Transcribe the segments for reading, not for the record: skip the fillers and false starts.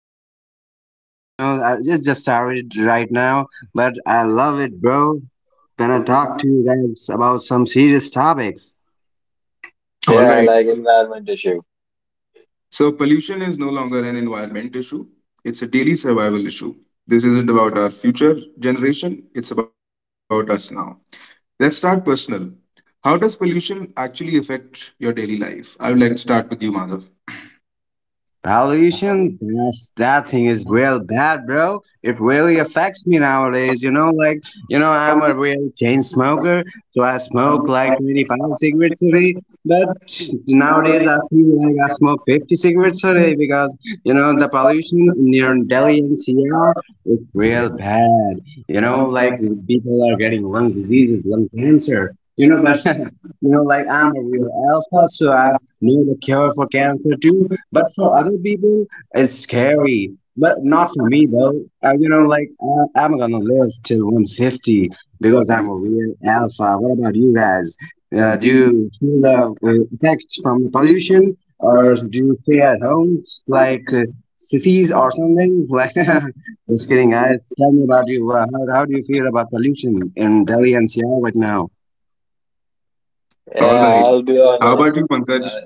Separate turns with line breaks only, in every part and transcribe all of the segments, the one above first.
podcast till, I it just started right now, but I love it, bro, when I talk to you guys about some serious topics.
All
Yeah,
right.
like environment issue.
So, pollution is no longer an environment issue, it's a daily survival issue. This isn't about our future generation, it's about us now. Let's start personal. How does pollution actually affect your daily life? I would like to start with you, Madhav.
Pollution, that thing is real bad, bro. It really affects me nowadays. I'm a real chain smoker, so I smoke like 25 cigarettes a day. But nowadays, I feel like I smoke 50 cigarettes a day because, you know, the pollution near Delhi NCR is real bad. You know, like, people are getting lung diseases, lung cancer. I'm a real alpha, so I know the cure for cancer too. But for other people, it's scary. But not for me though. I'm gonna live till 150 because I'm a real alpha. What about you guys? Do you feel the effects from the pollution, or do you stay at home like sissies or something? Like, just kidding, guys. Tell me about you. How do you feel about pollution in Delhi and Seattle right now?
All
Yeah,
right.
I'll be
How about
honest.
you, Pankaj?
Uh,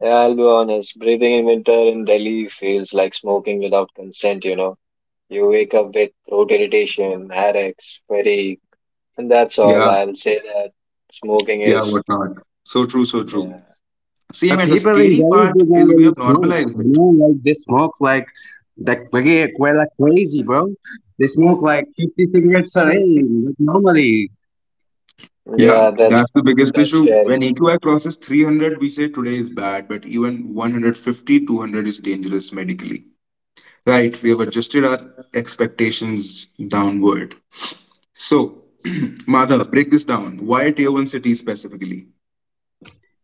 yeah, I'll be honest. Breathing in winter in Delhi feels like smoking without consent, you know. You wake up with throat irritation, headaches, fatigue, and that's all.
Yeah,
I'll say that smoking
yeah,
is,
whatnot. So true, so true.
yeah,
Same,
But
and the
people in
scary
Delhi,
part
they
is we
generally
have
smoke.
normalized
You know, like they smoke like that like crazy, bro. They smoke like 50 cigarettes a
it.
day, like normally.
Yeah,
yeah, that's
that's the biggest
that's
issue. When
scary.
EQI crosses 300, we say today is bad, but even 150, 200 is dangerous medically. Right, we have adjusted our expectations downward. So, Madhav, break this down. Why tier one cities specifically?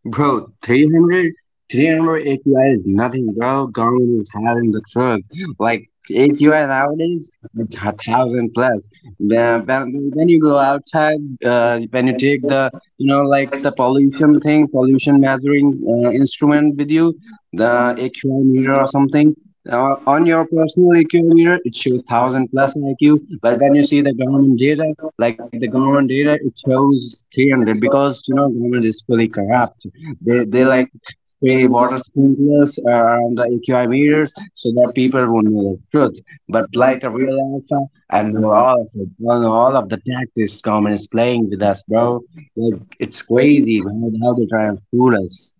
Bro, 300 AQI is nothing, bro. Government is having the truth. Like, AQI nowadays, a thousand plus. Yeah, when you go outside, when you take the, you know, like the pollution thing, pollution measuring instrument with you, the AQI meter or something, on your personal AQI meter, it shows thousand plus IQ. But when you see the government data, like the government data, it shows 300 because, you know, government is fully corrupt. They they like spray water sprinklers around the AQI meters so that people would know the truth. But like a real alpha, I know all of it. I know all of the tactics government is playing with us, bro. Like it's crazy how they try and fool us.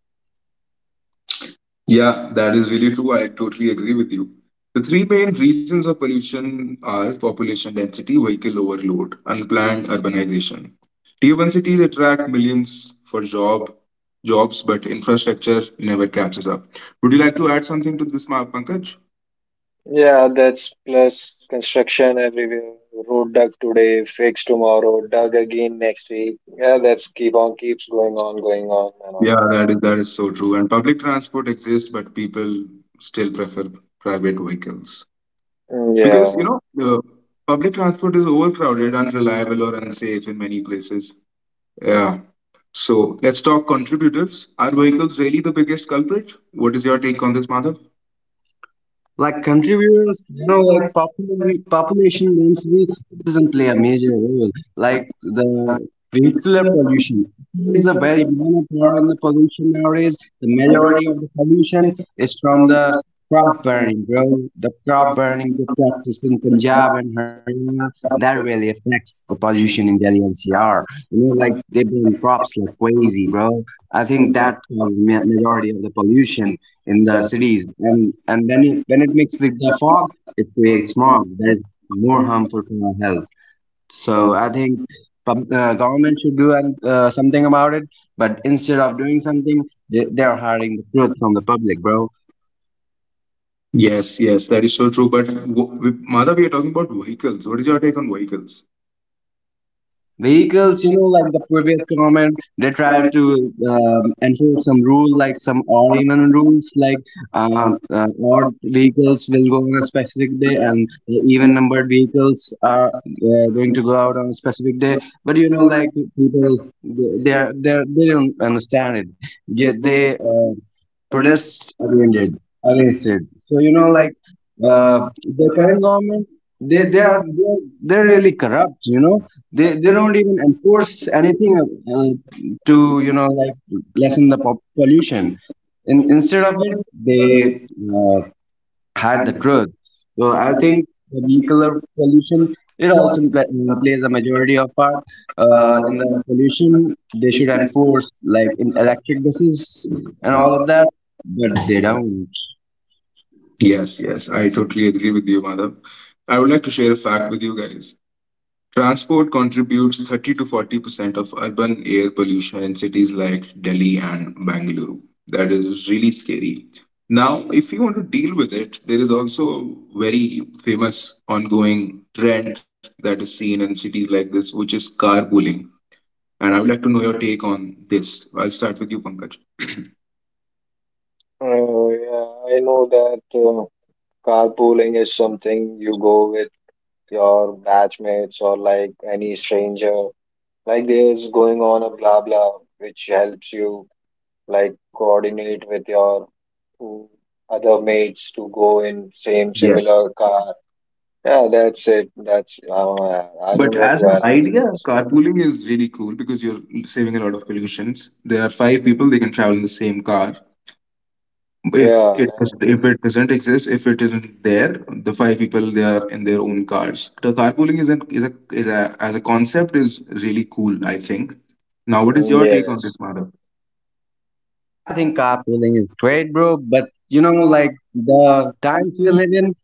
Yeah, that is really true. I totally agree with you. The three main reasons of pollution are population density, vehicle overload, unplanned urbanization. Tier 1 cities attract millions for jobs, but infrastructure never catches up. Would you like to add something to this, Pankaj?
Yeah, that's plus construction everywhere. Road dug today, fix tomorrow, dug again next week. Yeah, that's keep on keeps going on, going on and
Yeah,
on.
that is that is so true. And public transport exists, but people still prefer private vehicles
Mm,
because you
yeah,
know the public transport is overcrowded, unreliable, or unsafe in many places. Yeah, so let's talk contributors. Are vehicles really the biggest culprit? What is your take on this, Madhav?
Like contributors, you know, like population density doesn't play a major role. Like the vehicular pollution is a very minor part in the pollution nowadays. The majority of the pollution is from the crop burning, bro. The crop burning, the practice in Punjab and Haryana, that really affects the pollution in Delhi NCR. You know, like they burn crops like crazy, bro. I think that is majority of the pollution in the cities, and when it mixes with the fog, it creates smog that is more harmful for our health. So I think government should do something about it, but instead of doing something, they are hiding the truth from the public, bro.
Yes, yes, that is so true. But with Madhav, we are talking about vehicles. What is your take on vehicles?
Vehicles, you know, like the previous government, they tried to enforce some rule, like some or even rules like um, uh, odd vehicles will go on a specific day and the even numbered vehicles are going to go out on a specific day, but you know, like people, they don't understand it yet. They protests against it against it. So you know, like uh, the current government, they they are they're, they're really corrupt, you know. They they don't even enforce anything to lessen the pollution. In, instead of it, they hide the truth. So I think the vehicular pollution, it also plays a majority of part in the pollution. They should enforce like in electric buses and all of that, but they don't.
Yes, yes, I totally agree with you, Madhav. I would like to share a fact with you guys. Transport contributes 30 to 40% of urban air pollution in cities like Delhi and Bangalore. That is really scary. Now, if you want to deal with it, there is also a very famous ongoing trend that is seen in cities like this, which is carpooling. And I would like to know your take on this. I'll start with you, Pankaj.
yeah, I know that carpooling is something you go with your batchmates or like any stranger. Like there's going on a blah blah, which helps you like coordinate with your mm, other mates to go in same
Yeah.
similar car. Yeah, that's it. That's I
But
don't want
as
to
an
add anything
idea,
else.
carpooling is really cool because you're saving a lot of pollutions. There are five people, they can travel in the same car. if
Yeah,
it
and-
if it doesn't exist, if it isn't there, the five people, they are in their own cars. The carpooling is an is a as a concept is really cool, I think. Now what is
mm,
your take on
yes,
this matter?
I think carpooling is great, bro. But you know, like the times we live in,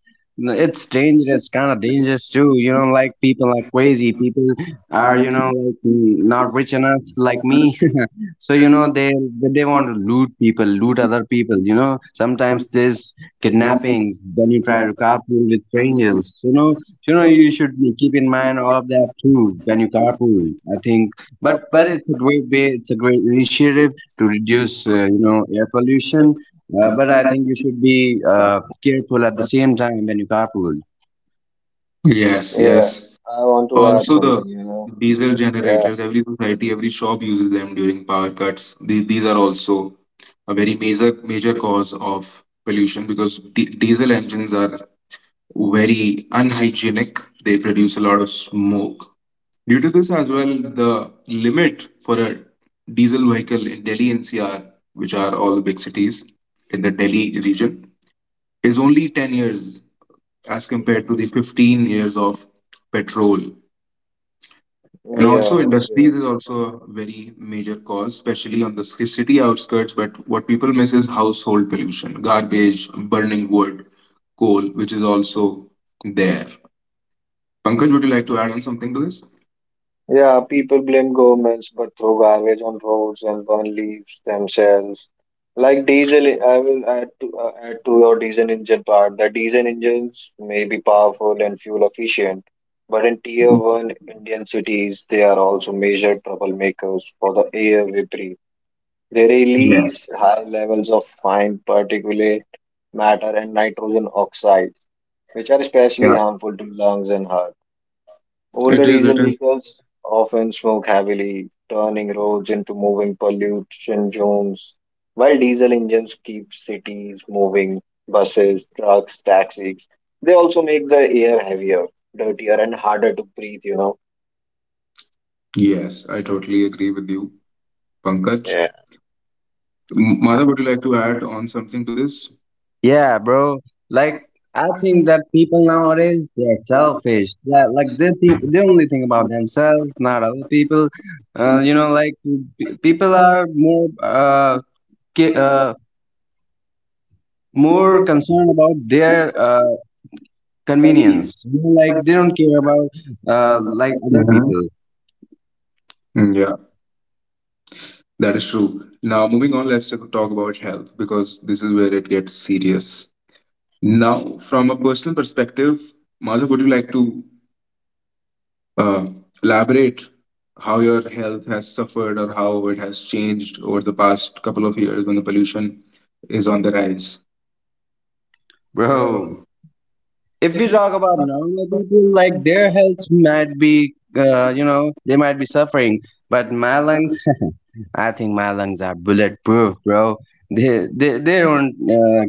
it's dangerous, kind of dangerous too. You know, like people are crazy. People are, you know, like not rich enough, like me. So you know, they want to loot people, loot other people. You know, sometimes there's kidnappings. Then you try to carpool with strangers. You know, you should keep in mind all of that too when you carpool. I think, but it's a great way. It's a great initiative to reduce you know, air pollution. But I think you should be careful at the same time when you carpool.
Yes, yes,
yeah. I want to add
also the
something, you know.
diesel
Yeah,
generators, every society, every shop uses them during power cuts. These are also a very major cause of pollution because diesel engines are very unhygienic, they produce a lot of smoke. Due to this as well, the limit for a diesel vehicle in Delhi NCR, which are all the big cities in the Delhi region, is only 10 years as compared to the 15 years of petrol. And also,
yes,
industries is
yes.
also a very major cause, especially on the city outskirts. But what people miss is household pollution, garbage, burning wood, coal, which is also there. Pankaj, would you like to add on something to this?
Yeah, people blame governments but throw garbage on roads and burn leaves themselves. Like diesel, I will add to add to your diesel engine part. The diesel engines may be powerful and fuel efficient, but in tier one Indian cities, they are also major troublemakers for the air we breathe. They
Yeah,
release high levels of fine particulate matter and nitrogen oxides, which are
yeah.
especially harmful to lungs and heart.
It
Older
is.
diesel vehicles often smoke heavily, turning roads into moving pollution zones, while diesel engines keep cities moving, buses, trucks, taxis. They also make the air heavier, dirtier, and harder to breathe.
Yes, I totally agree with you, Pankaj.
Yeah.
Madhav, would you like to add on something to this?
Yeah, bro. Like, I think that people nowadays, they're selfish. Yeah, like they think, they only think about themselves, not other people. Uh, you know, like People are more ca- uh more concerned about their convenience. You know, like they don't care about other
Mhm.
people,
Mm, yeah, that is true. Now, moving on, let's talk about health because this is where it gets serious. Now, from a personal perspective, Madhav, would you like to uh, elaborate how your health has suffered or how it has changed over the past couple of years when the pollution is on the rise?
bro. If we talk about normal people, like their health might be you know, they might be suffering, but Malang, I think my lungs are bulletproof, bro. They don't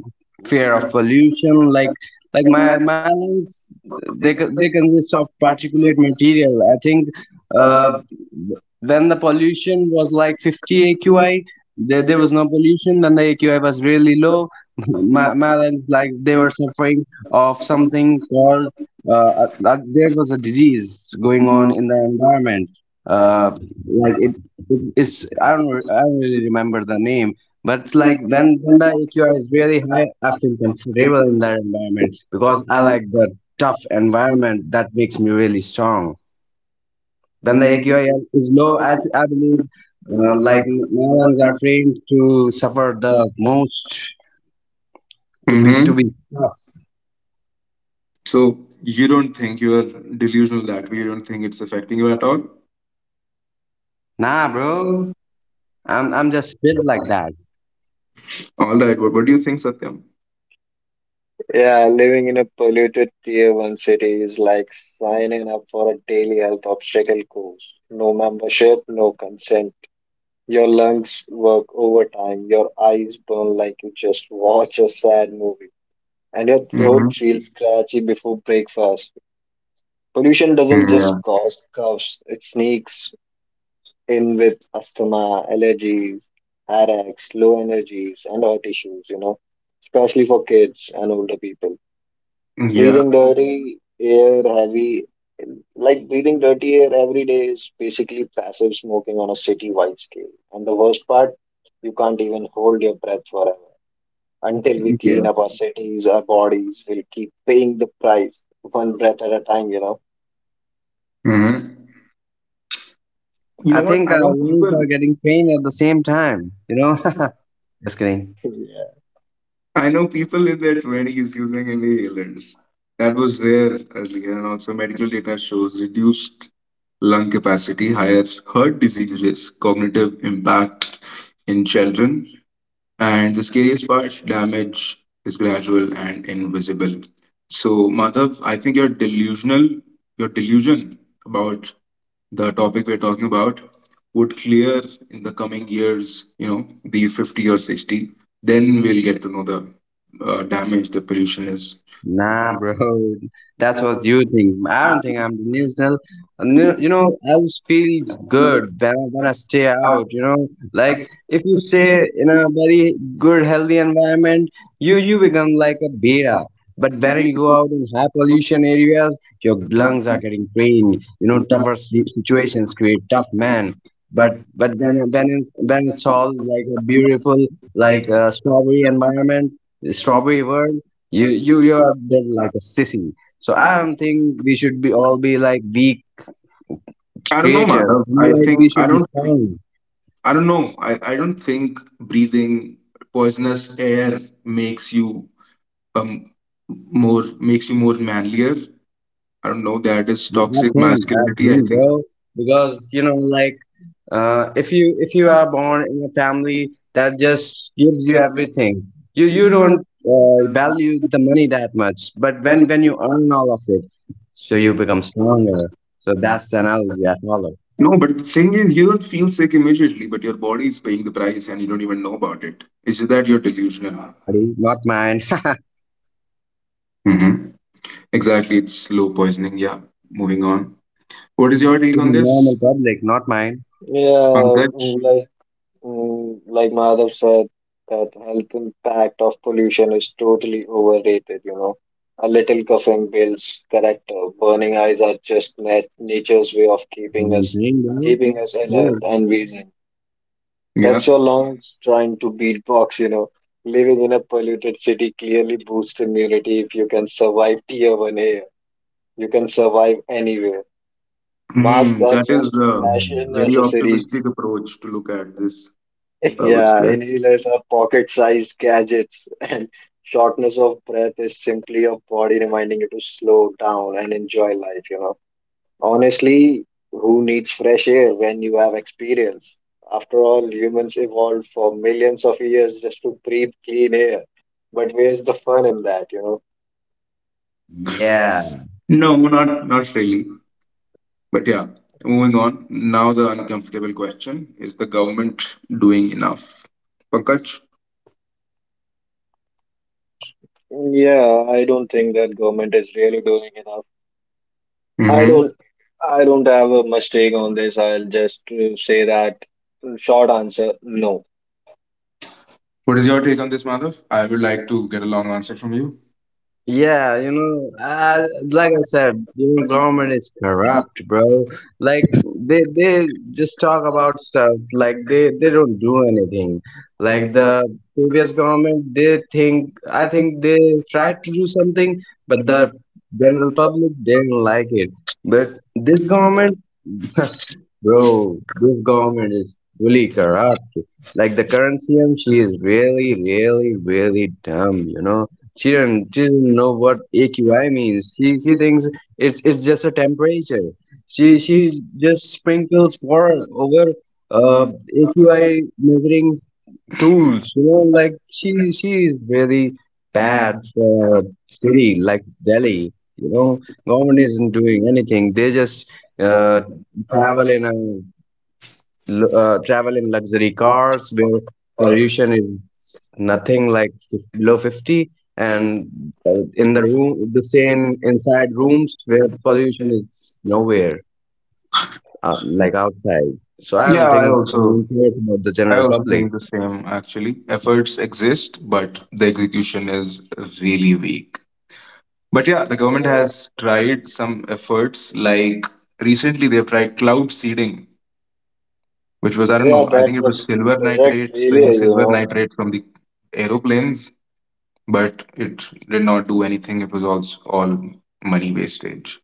fear of pollution like my my lungs. They consist of particulate material. I think uh, when the pollution was like 50 AQI, there was no pollution. When the AQI was really low, my lungs, like they were suffering of something called there was a disease going on in the environment, uh, like it it's I don't really remember the name, but like when the AQR is really high, I feel comfortable in that environment because I like the tough environment that makes me really strong. When the AQI is low, I believe my lungs are trained to suffer the most, to
Hmm.
be tough.
So, you don't think you are delusional that way, you don't think it's affecting you at all?
Nah, bro, I'm just built like that.
All right. What do you think, Satyam?
Yeah, living in a polluted tier one city is like signing up for a daily health obstacle course. No membership, no consent. Your lungs work overtime, your eyes burn like you just watch a sad movie, and your throat
Hmm.
feels scratchy before breakfast. Pollution doesn't
Yeah.
just cause coughs, it sneaks in with asthma, allergies, headaches, low energies, and heart issues, especially for kids and older people.
Yeah.
Breathing dirty air heavy, like breathing dirty air every day is basically passive smoking on a city-wide scale. And the worst part, you can't even hold your breath forever. Until we clean
Yeah.
up our cities, our bodies will keep paying the price, one breath at a time.
Hmm. You know
I
what?
think our lungs are getting trained at the same time, you know. Just kidding.
Yeah.
I know people in their twenties using inhalers. That was rare earlier, and also medical data shows reduced lung capacity, higher heart disease risk, cognitive impact in children, and the scariest part, damage is gradual and invisible. So, Madhav, I think you're delusional. Your delusion about the topic we're talking about would clear in the coming years, you know, be 50 or 60, then we'll get to know the damage the pollution is.
Nah, bro, that's what you think. I don't think I'm delusional. And you know, I just feel good when I stay out. You know, like if you stay in a very good, healthy environment, you become like a beta. But when you go out in high pollution areas, your lungs are getting drained. You know, tougher situations create tough man. But when when it's all like a beautiful like strawberry environment, strawberry world. You are dead like a sissy. So I don't think we should be all be like weak
I don't know,
creatures.
Madhav. I
Like we
think I
should be
don't.
strong.
I don't know. I don't think breathing poisonous air makes you um more manlier. I don't know. That is toxic
I
masculinity.
think,
I think.
bro, because you know, like uh, if you are born in a family that just gives you everything. You don't value the money that much. But when you earn all of it, so you become stronger. So that's the analogy I follow.
No, but the thing is, you don't feel sick immediately, but your body is paying the price, and you don't even know about it. It's just that you're
Maybe your
delusional.
body, not mine.
Mm-hmm. Exactly, it's low poisoning. Yeah, moving on. What is your
To
take
the
on
normal
this,
public, not mine.
Yeah,
Pankaj?
like mm, like Madhav said, that health impact of pollution is totally overrated. A little coughing builds character. Burning eyes are just nature's way of keeping us
Anything, bro?
keeping us alert
Good.
and breathing. That's
Yeah,
your lungs trying to beatbox. Living in a polluted city clearly boosts immunity if you can survive tier one air. You can survive anywhere. Masks
hmm,
are
that is
just
a
Mm.
fashion
very
accessories.
optimistic approach to look at this. I would
Yeah,
say
inhalers are pocket-sized gadgets, and shortness of breath is simply your body reminding you to slow down and enjoy life. Honestly, who needs fresh air when you have experience? After all, humans evolved for millions of years just to breathe clean air. But where's the fun in that?
Yeah,
no, not really. But yeah, moving on. Now the uncomfortable question is: the government doing enough? Pankaj.
Yeah, I don't think that government is really doing enough. I
Mm-hmm.
don't I don't have a much take on this. I'll just say that mm, short answer, no.
What is your take on this, Madhav? I would like to get a long answer from you.
yeah, you know, like I said, you know, government is corrupt, bro. Like, they just talk about stuff, like they don't do anything. Like the previous government, they think I think they tried to do something, but the general public didn't like it. But this government, bro, this government is fully corrupt. Like the current CM, she is really, really, really dumb, you know. She doesn't know what AQI means. She thinks it's just a temperature. She just sprinkles water over uh AQI measuring tools. You know, like she is very bad for a city like Delhi. You know, government isn't doing anything. They just uh, travel in a travel in luxury cars where pollution is nothing, like below 50, and in the room, the same, inside rooms where pollution is nowhere, like outside. So I
Yeah,
don't
I
think they
also
care about the
I
general
also
public.
think the same, actually. Efforts exist, but the execution is really weak. But yeah, the government
Yeah,
has tried some efforts, like recently they've tried cloud seeding, which was, I don't
yeah,
know, I think
that's
it
a
was silver
project
nitrate, spraying
failure, you
silver
know.
nitrate from the aeroplanes, but it did not do anything. It was also all money wastage.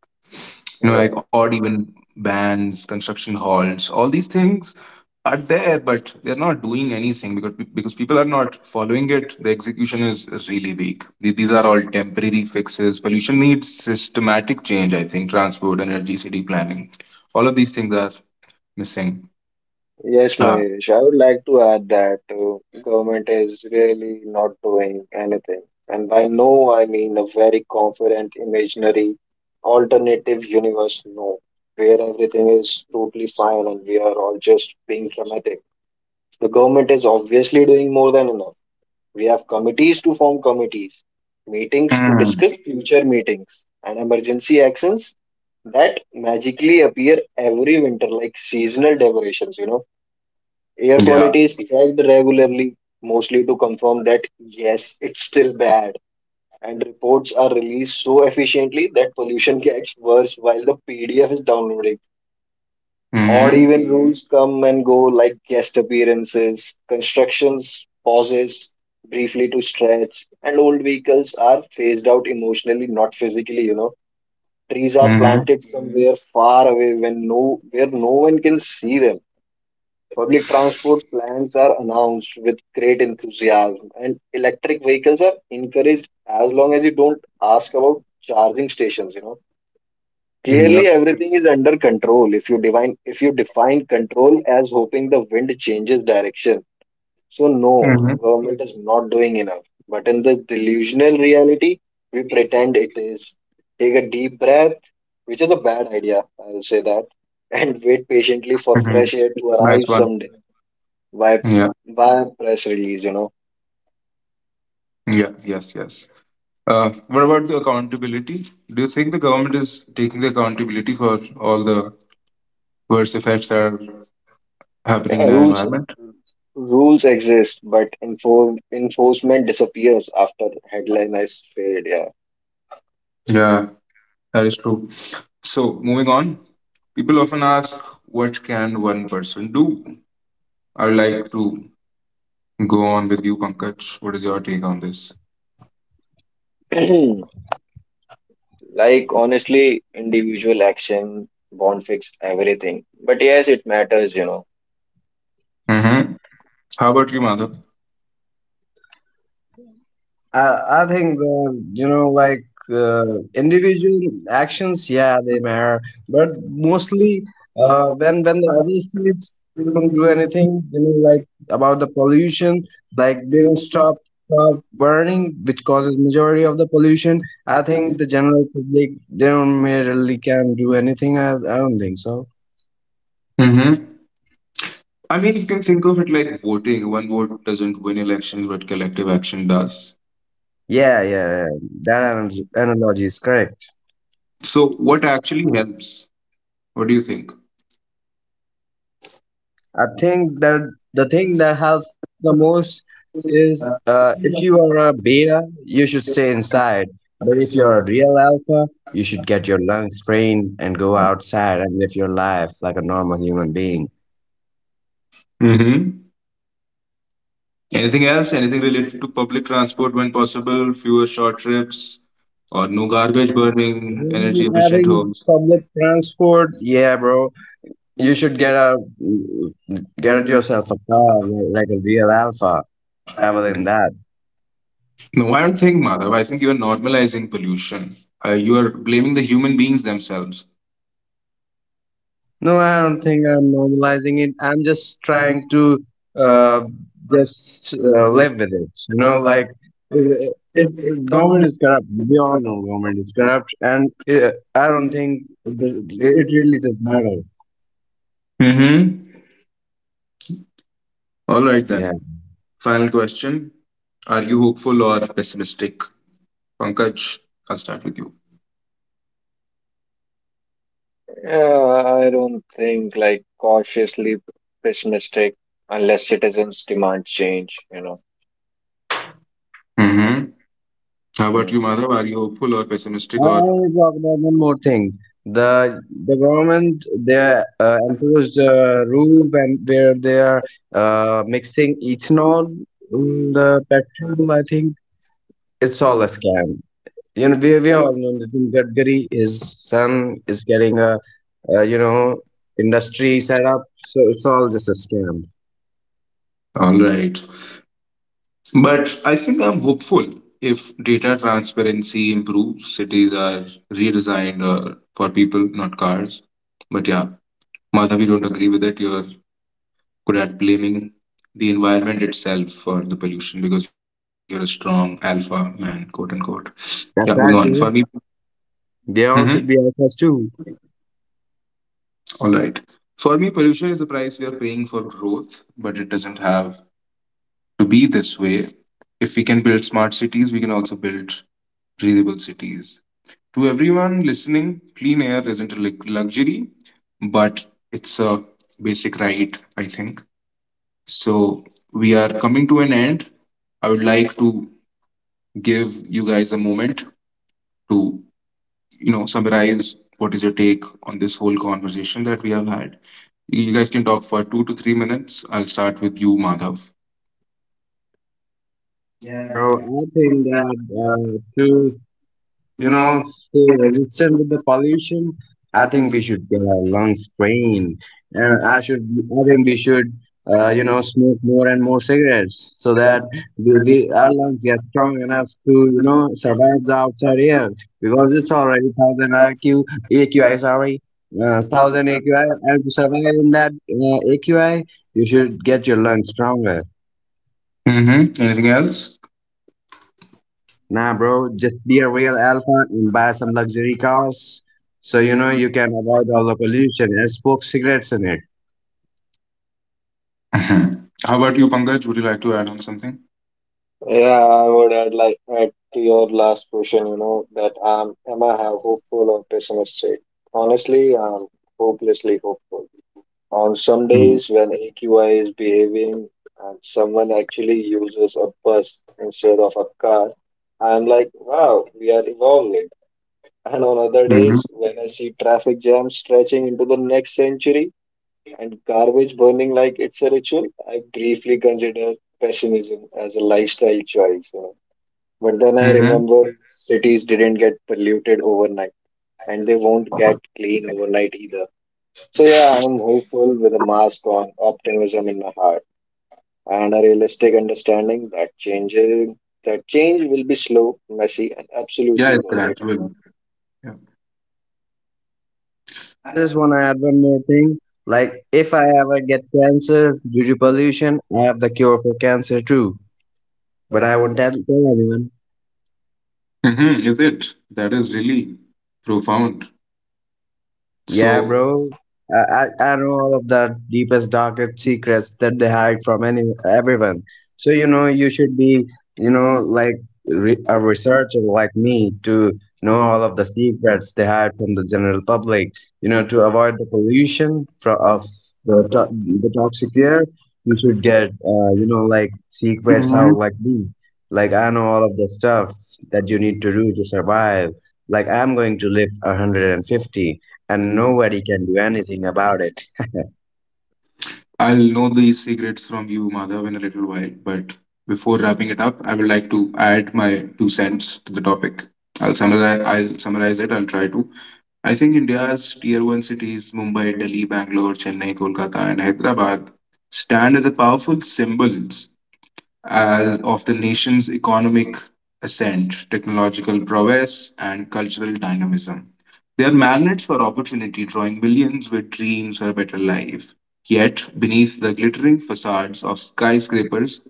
You know, like
Yeah.
odd even bands, construction halls, all these things are there, but they're not doing anything because people are not following it. The execution is really weak. These are all temporary fixes. Pollution needs systematic change. I think transport, energy, city planning, all of these things are missing.
Yes,
Uh,
Mahesh, I would like to add that government is really not doing anything. And by no, I mean a very confident, imaginary, alternative universe no, where everything is totally fine and we are all just being dramatic. The government is obviously doing more than enough. We have committees to form committees, meetings to
mm,
discuss future meetings, and emergency actions that magically appear every winter like seasonal decorations. Air
yeah.
quality is checked regularly, mostly to confirm that yes, it's still bad, and reports are released so efficiently that pollution gets worse while the PDF is downloading. Odd
Mm-hmm.
even Hmm. rules come and go like guest appearances, constructions pauses briefly to stretch, and old vehicles are phased out emotionally, not physically. Trees are
Mm-hmm.
planted Mhm. somewhere far away when where no one can see them. Public transport plans are announced with great enthusiasm, and electric vehicles are encouraged as long as you don't ask about charging stations. You know,
Yeah.
clearly everything is under control. If you define control as hoping the wind changes direction. So, no,
Mm-hmm.
the government is not doing enough. But in the delusional reality, we pretend it is. Take a deep breath, which is a bad idea, I'll say that, and wait patiently for
Mm-hmm.
fresh air to
Nice
arrive
one.
someday via,
Yeah.
via press release.
Yeah, yes, yes. What about the accountability? Do you think the government is taking the accountability for all the worst effects that are happening
Yeah,
in our
rules
environment?
rules exist, but enforcement disappears after headline has failed, yeah.
Yeah, that is true. So, moving on, people often ask, what can one person do? I would like to go on with you, Pankaj. What is your take on this?
Like, honestly, individual action won't fix everything. But yes, it matters.
Mm-hmm. How about you, Madhav?
I think the you know, like uh, individual actions, yeah, they matter, but mostly when the other states don't do anything, you know, like about the pollution, like they don't stop burning, which causes majority of the pollution. I think the general public, they don't really can do anything. I don't think so.
Mm-hmm. I mean, you can think of it like voting. One vote doesn't win elections, but collective action does.
Yeah, yeah, yeah. That analogy is correct.
So, what actually helps? What do you think?
I think that the thing that helps the most is if you are a beta, you should stay inside. But if you're a real alpha, you should get your lungs sprained and go outside and live your life like a normal human being.
Mm-hmm. Anything else? Anything related to public transport when possible? Fewer short trips or no garbage burning, energy
I
efficient
think
homes?
public transport, yeah, bro. You should get yourself a car like a real alpha. Travel in that.
No, I don't think, Madhav. I think you are normalizing pollution. You are blaming the human beings themselves.
No, I don't think I'm normalizing it. I'm just trying to uh, just live with it. You know, like government is corrupt. We all know government is corrupt, and I don't think it really does matter.
Mm-hmm. All right,
Yeah,
then. Final question. Are you hopeful or pessimistic? Pankaj, I'll start with you.
I don't think, like, cautiously pessimistic unless citizens demand change.
Mm-hmm. How about you,
Mm.
Madhav? Are you hopeful or pessimistic?
I
Or
want to talk about one more thing. The the government, they enforced a rule where they are mixing ethanol in the petrol. I think it's all a scam. You know, we all know Nitin Gadkari, his son is getting a, you know, industry set up, so it's all just a scam.
All right. But I think I'm hopeful. If data transparency improves, cities are redesigned for people, not cars. But yeah, Madhav, you don't agree with it. You're good at blaming the environment itself for the pollution because you're a strong alpha man, quote unquote. Yeah, moving on.
That's right, bro, they
Mhm.
all should be alphas too.
All right. For me, pollution is the price we are paying for growth, but it doesn't have to be this way. If we can build smart cities, we can also build breathable cities. To everyone listening, clean air isn't a luxury, but it's a basic right, I think. So, we are coming to an end. I would like to give you guys a moment to summarize what is your take on this whole conversation that we have had. You guys can talk for 2 to 3 minutes. I'll start with you, Madhav.
Yeah, bro, I think that too, you know, stay resistant with the pollution, I think we should get our lungs trained. And I should, I think we should, you know, smoke more and more cigarettes so that our lungs get strong enough to, you know, survive the outside air because it's already thousand IQ, AQI, sorry. Thousand AQI, and to survive in that AQI, you should get your lungs stronger.
Mm-hmm. Anything else?
Nah, bro, just be a real alpha and buy some luxury cars so you know you can avoid all the pollution and smoke cigarettes in it.
Mhm. How about you, Pankaj? Would you like to add on something?
Yeah, I would add like add to your last question, that am I have hopeful or pessimistic? Honestly, I'm hopelessly hopeful. On some days when AQI is behaving and someone actually uses a bus instead of a car, I'm like, wow, we are evolving. And on other
Mm-hmm.
days, when I see traffic jams stretching into the next century and garbage burning like it's a ritual, I briefly consider pessimism as a lifestyle choice. You know. But then I
Mm-hmm.
remember cities didn't get polluted overnight and they won't get clean overnight either. So, yeah, I'm hopeful with a mask on, optimism in my heart, and a realistic understanding that changes. That change will be slow, messy, and
Yeah,
absolutely
it's
worth it.
gradual.
I just want to add one more thing. Like, if I ever get cancer due to pollution, I have the cure for cancer too. But I won't tell anyone.
Mhm, is it? That is really profound.
Yeah,
So
bro. I know all of the deepest, darkest secrets that they hide from any everyone. So you know, you should be, you know, like re a researcher like me to know all of the secrets they hide from the general public. You know, to avoid the pollution from of the to the toxic air, you should get, you know, like secrets
Mhm.
out like me. Like I know all of the stuff that you need to do to survive. Like I'm going to live 150, and nobody can do anything about it.
I'll know these secrets from you, Madhav, in a little while. But before wrapping it up, I would like to add my two cents to the topic. I'll summarize. I'll summarize it. I'll try to. I think India's tier one cities, Mumbai, Delhi, Bangalore, Chennai, Kolkata, and Hyderabad, stand as a powerful symbol as of the nation's economic ascent, technological prowess, and cultural dynamism. They are magnets for opportunity, drawing millions with dreams for a better life. Yet, beneath the glittering facades of skyscrapers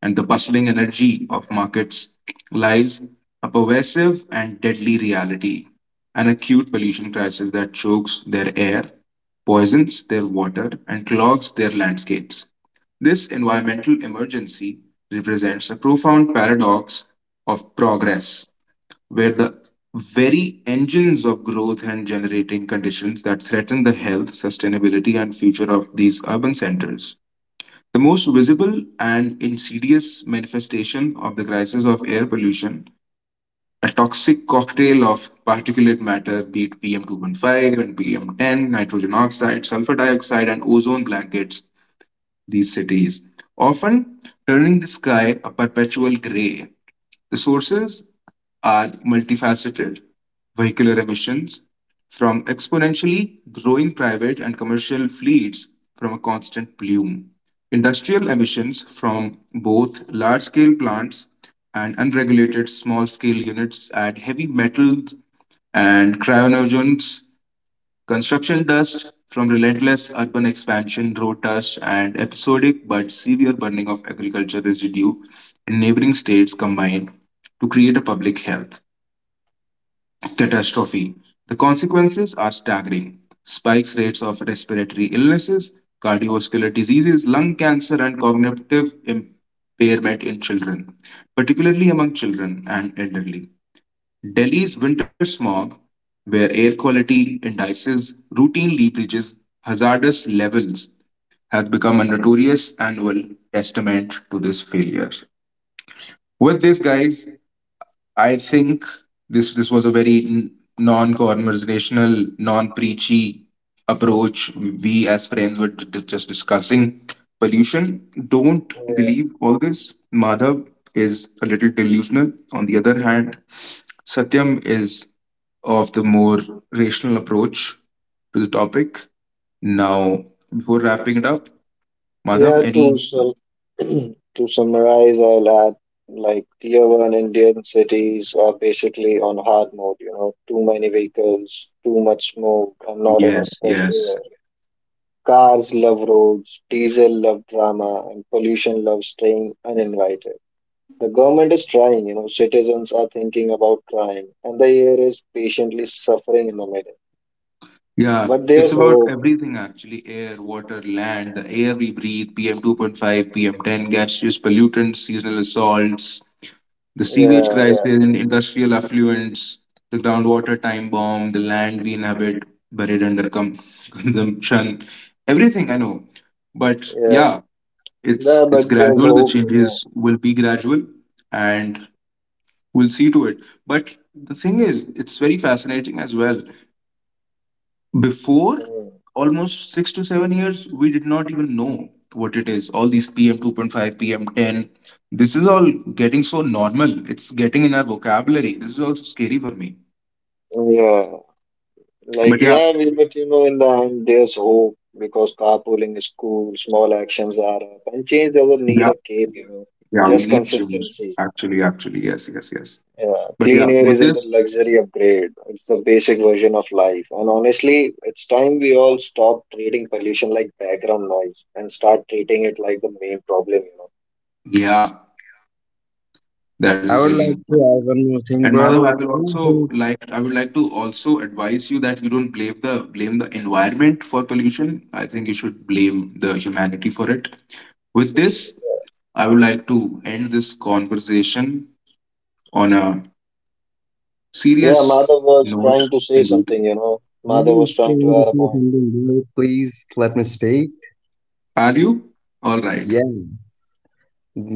and the bustling energy of markets lies a pervasive and deadly reality, an acute pollution crisis that chokes their air, poisons their water, and clogs their landscapes. This environmental emergency represents a profound paradox of progress, where the very engines of growth and generating conditions that threaten the health, sustainability, and future of these urban centers. The most visible and insidious manifestation of the crisis of air pollution, a toxic cocktail of particulate matter, be it PM2.5 and PM10, nitrogen oxide, sulfur dioxide, and ozone blankets, these cities, often turning the sky a perpetual gray. The sources are multifaceted: vehicular emissions from exponentially growing private and commercial fleets from a constant plume, industrial emissions from both large scale plants and unregulated small scale units at heavy metals and cryonogens, construction dust from relentless urban expansion, road dust, and episodic but severe burning of agriculture residue in neighboring states combined to create a public health catastrophe. The consequences are staggering: spikes rates of respiratory illnesses, cardiovascular diseases, lung cancer, and cognitive impairment in children, particularly among children and elderly. Delhi's winter smog, where air quality indices routinely breaches hazardous levels, has become a notorious annual testament to this failure. With this, guys, I think this was a very non-conversational, non-preachy approach. We as friends were just discussing pollution. Don't believe all this. Madhav is a little delusional. On the other hand, Satyam is of the more rational approach to the topic. Now, before wrapping it up, Madhav,
Yeah, to
any?
sum, to summarize, I'll add like tier one Indian cities are basically on hard mode, too many vehicles, too much smoke, and not
Yes,
enough fresh
yes.
air. Cars love roads, diesel love drama, and pollution loves staying uninvited. The government is trying, you know, citizens are thinking about trying, and the air is patiently suffering in the middle.
Yeah,
But
it's
there's
about
hope.
everything, actually air, water, land, the air we breathe, PM2.5, PM10, gaseous pollutants, seasonal assaults, the
Yeah,
sewage
yeah,
crisis,
yeah.
and industrial affluents, the groundwater time bomb, the land we inhabit, buried under consumption, everything I know. But yeah, it's
Yeah,
it's
but there's
gradual, the
hope, you
changes
know.
will be gradual and we'll see to it, but the thing is, it's very fascinating as well. Before
Mm.
almost 6 to 7 years we did not even know what it is, all these pm 2.5 pm 10, this is all getting so normal, it's getting in our vocabulary. This is also scary for me.
Yeah. Like,
But yeah,
yeah, we let you know in the end there's hope because carpooling is cool, small actions add up, and change doesn't need
yeah,
a cape,
yeah, we
just
need change,
consistency.
actually, yes, yes, yes.
Yeah,
But yeah,
clean air
with this,
isn't a luxury upgrade, it's the basic version of life. And honestly, it's time we all stop treating pollution like background noise and start treating it like the main problem.
yeah, that
I
is
would
really.
like to add one more
And
thing,
Madhav,
bro. I think
I would like to also advise you that you don't blame the environment for pollution. I think you should blame the humanity for it. With this, I would like to end this conversation on a
Yeah,
serious
Madhav was
note.
trying to say
Indeed,
something, Madhav was
I'm
trying to
trying to
add a
say
point.
something, bro. Please let me speak.
are you all right?
Yeah.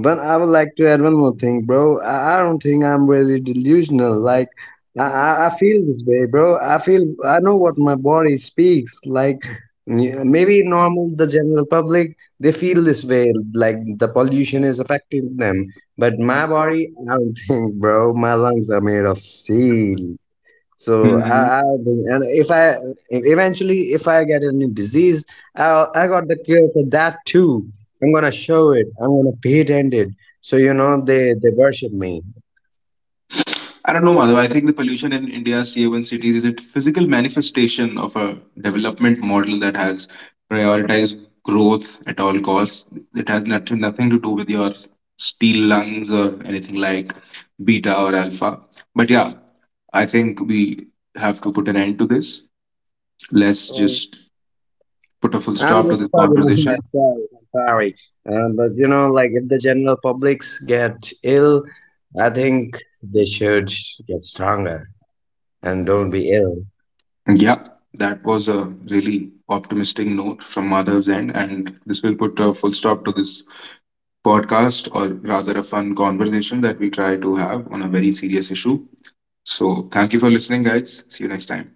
But I would like to add one more thing, bro. I don't think I'm really delusional. Like I feel this way, bro. I feel I know what my body speaks. Like, yeah, maybe normal the general public, they feel this way, like the pollution is affecting them. But my body, I don't think, bro. My lungs are made of steel. So
Hmm.
I, I and if I if eventually if I get any disease, I got the cure for that too. I'm gonna show it. I'm gonna patent it. So you know, they worship me.
I don't know, Madhav. I think the pollution in India's tier one cities is a physical manifestation of a development model that has prioritized growth at all costs. It has nothing to do with your steel lungs or anything like beta or alpha. But yeah, I think we have to put an end to this. Let's
Mm,
just put a full
I'm
stop to
just
this
talking on
conversation.
myself. I'm sorry, but you know, like if the general publics get ill, I think they should get stronger and don't be ill.
And yeah, that was a really optimistic note from Madhav's end, and this will put a full stop to this podcast, or rather a fun conversation that we try to have on a very serious issue. So, thank you for listening, guys. See you next time.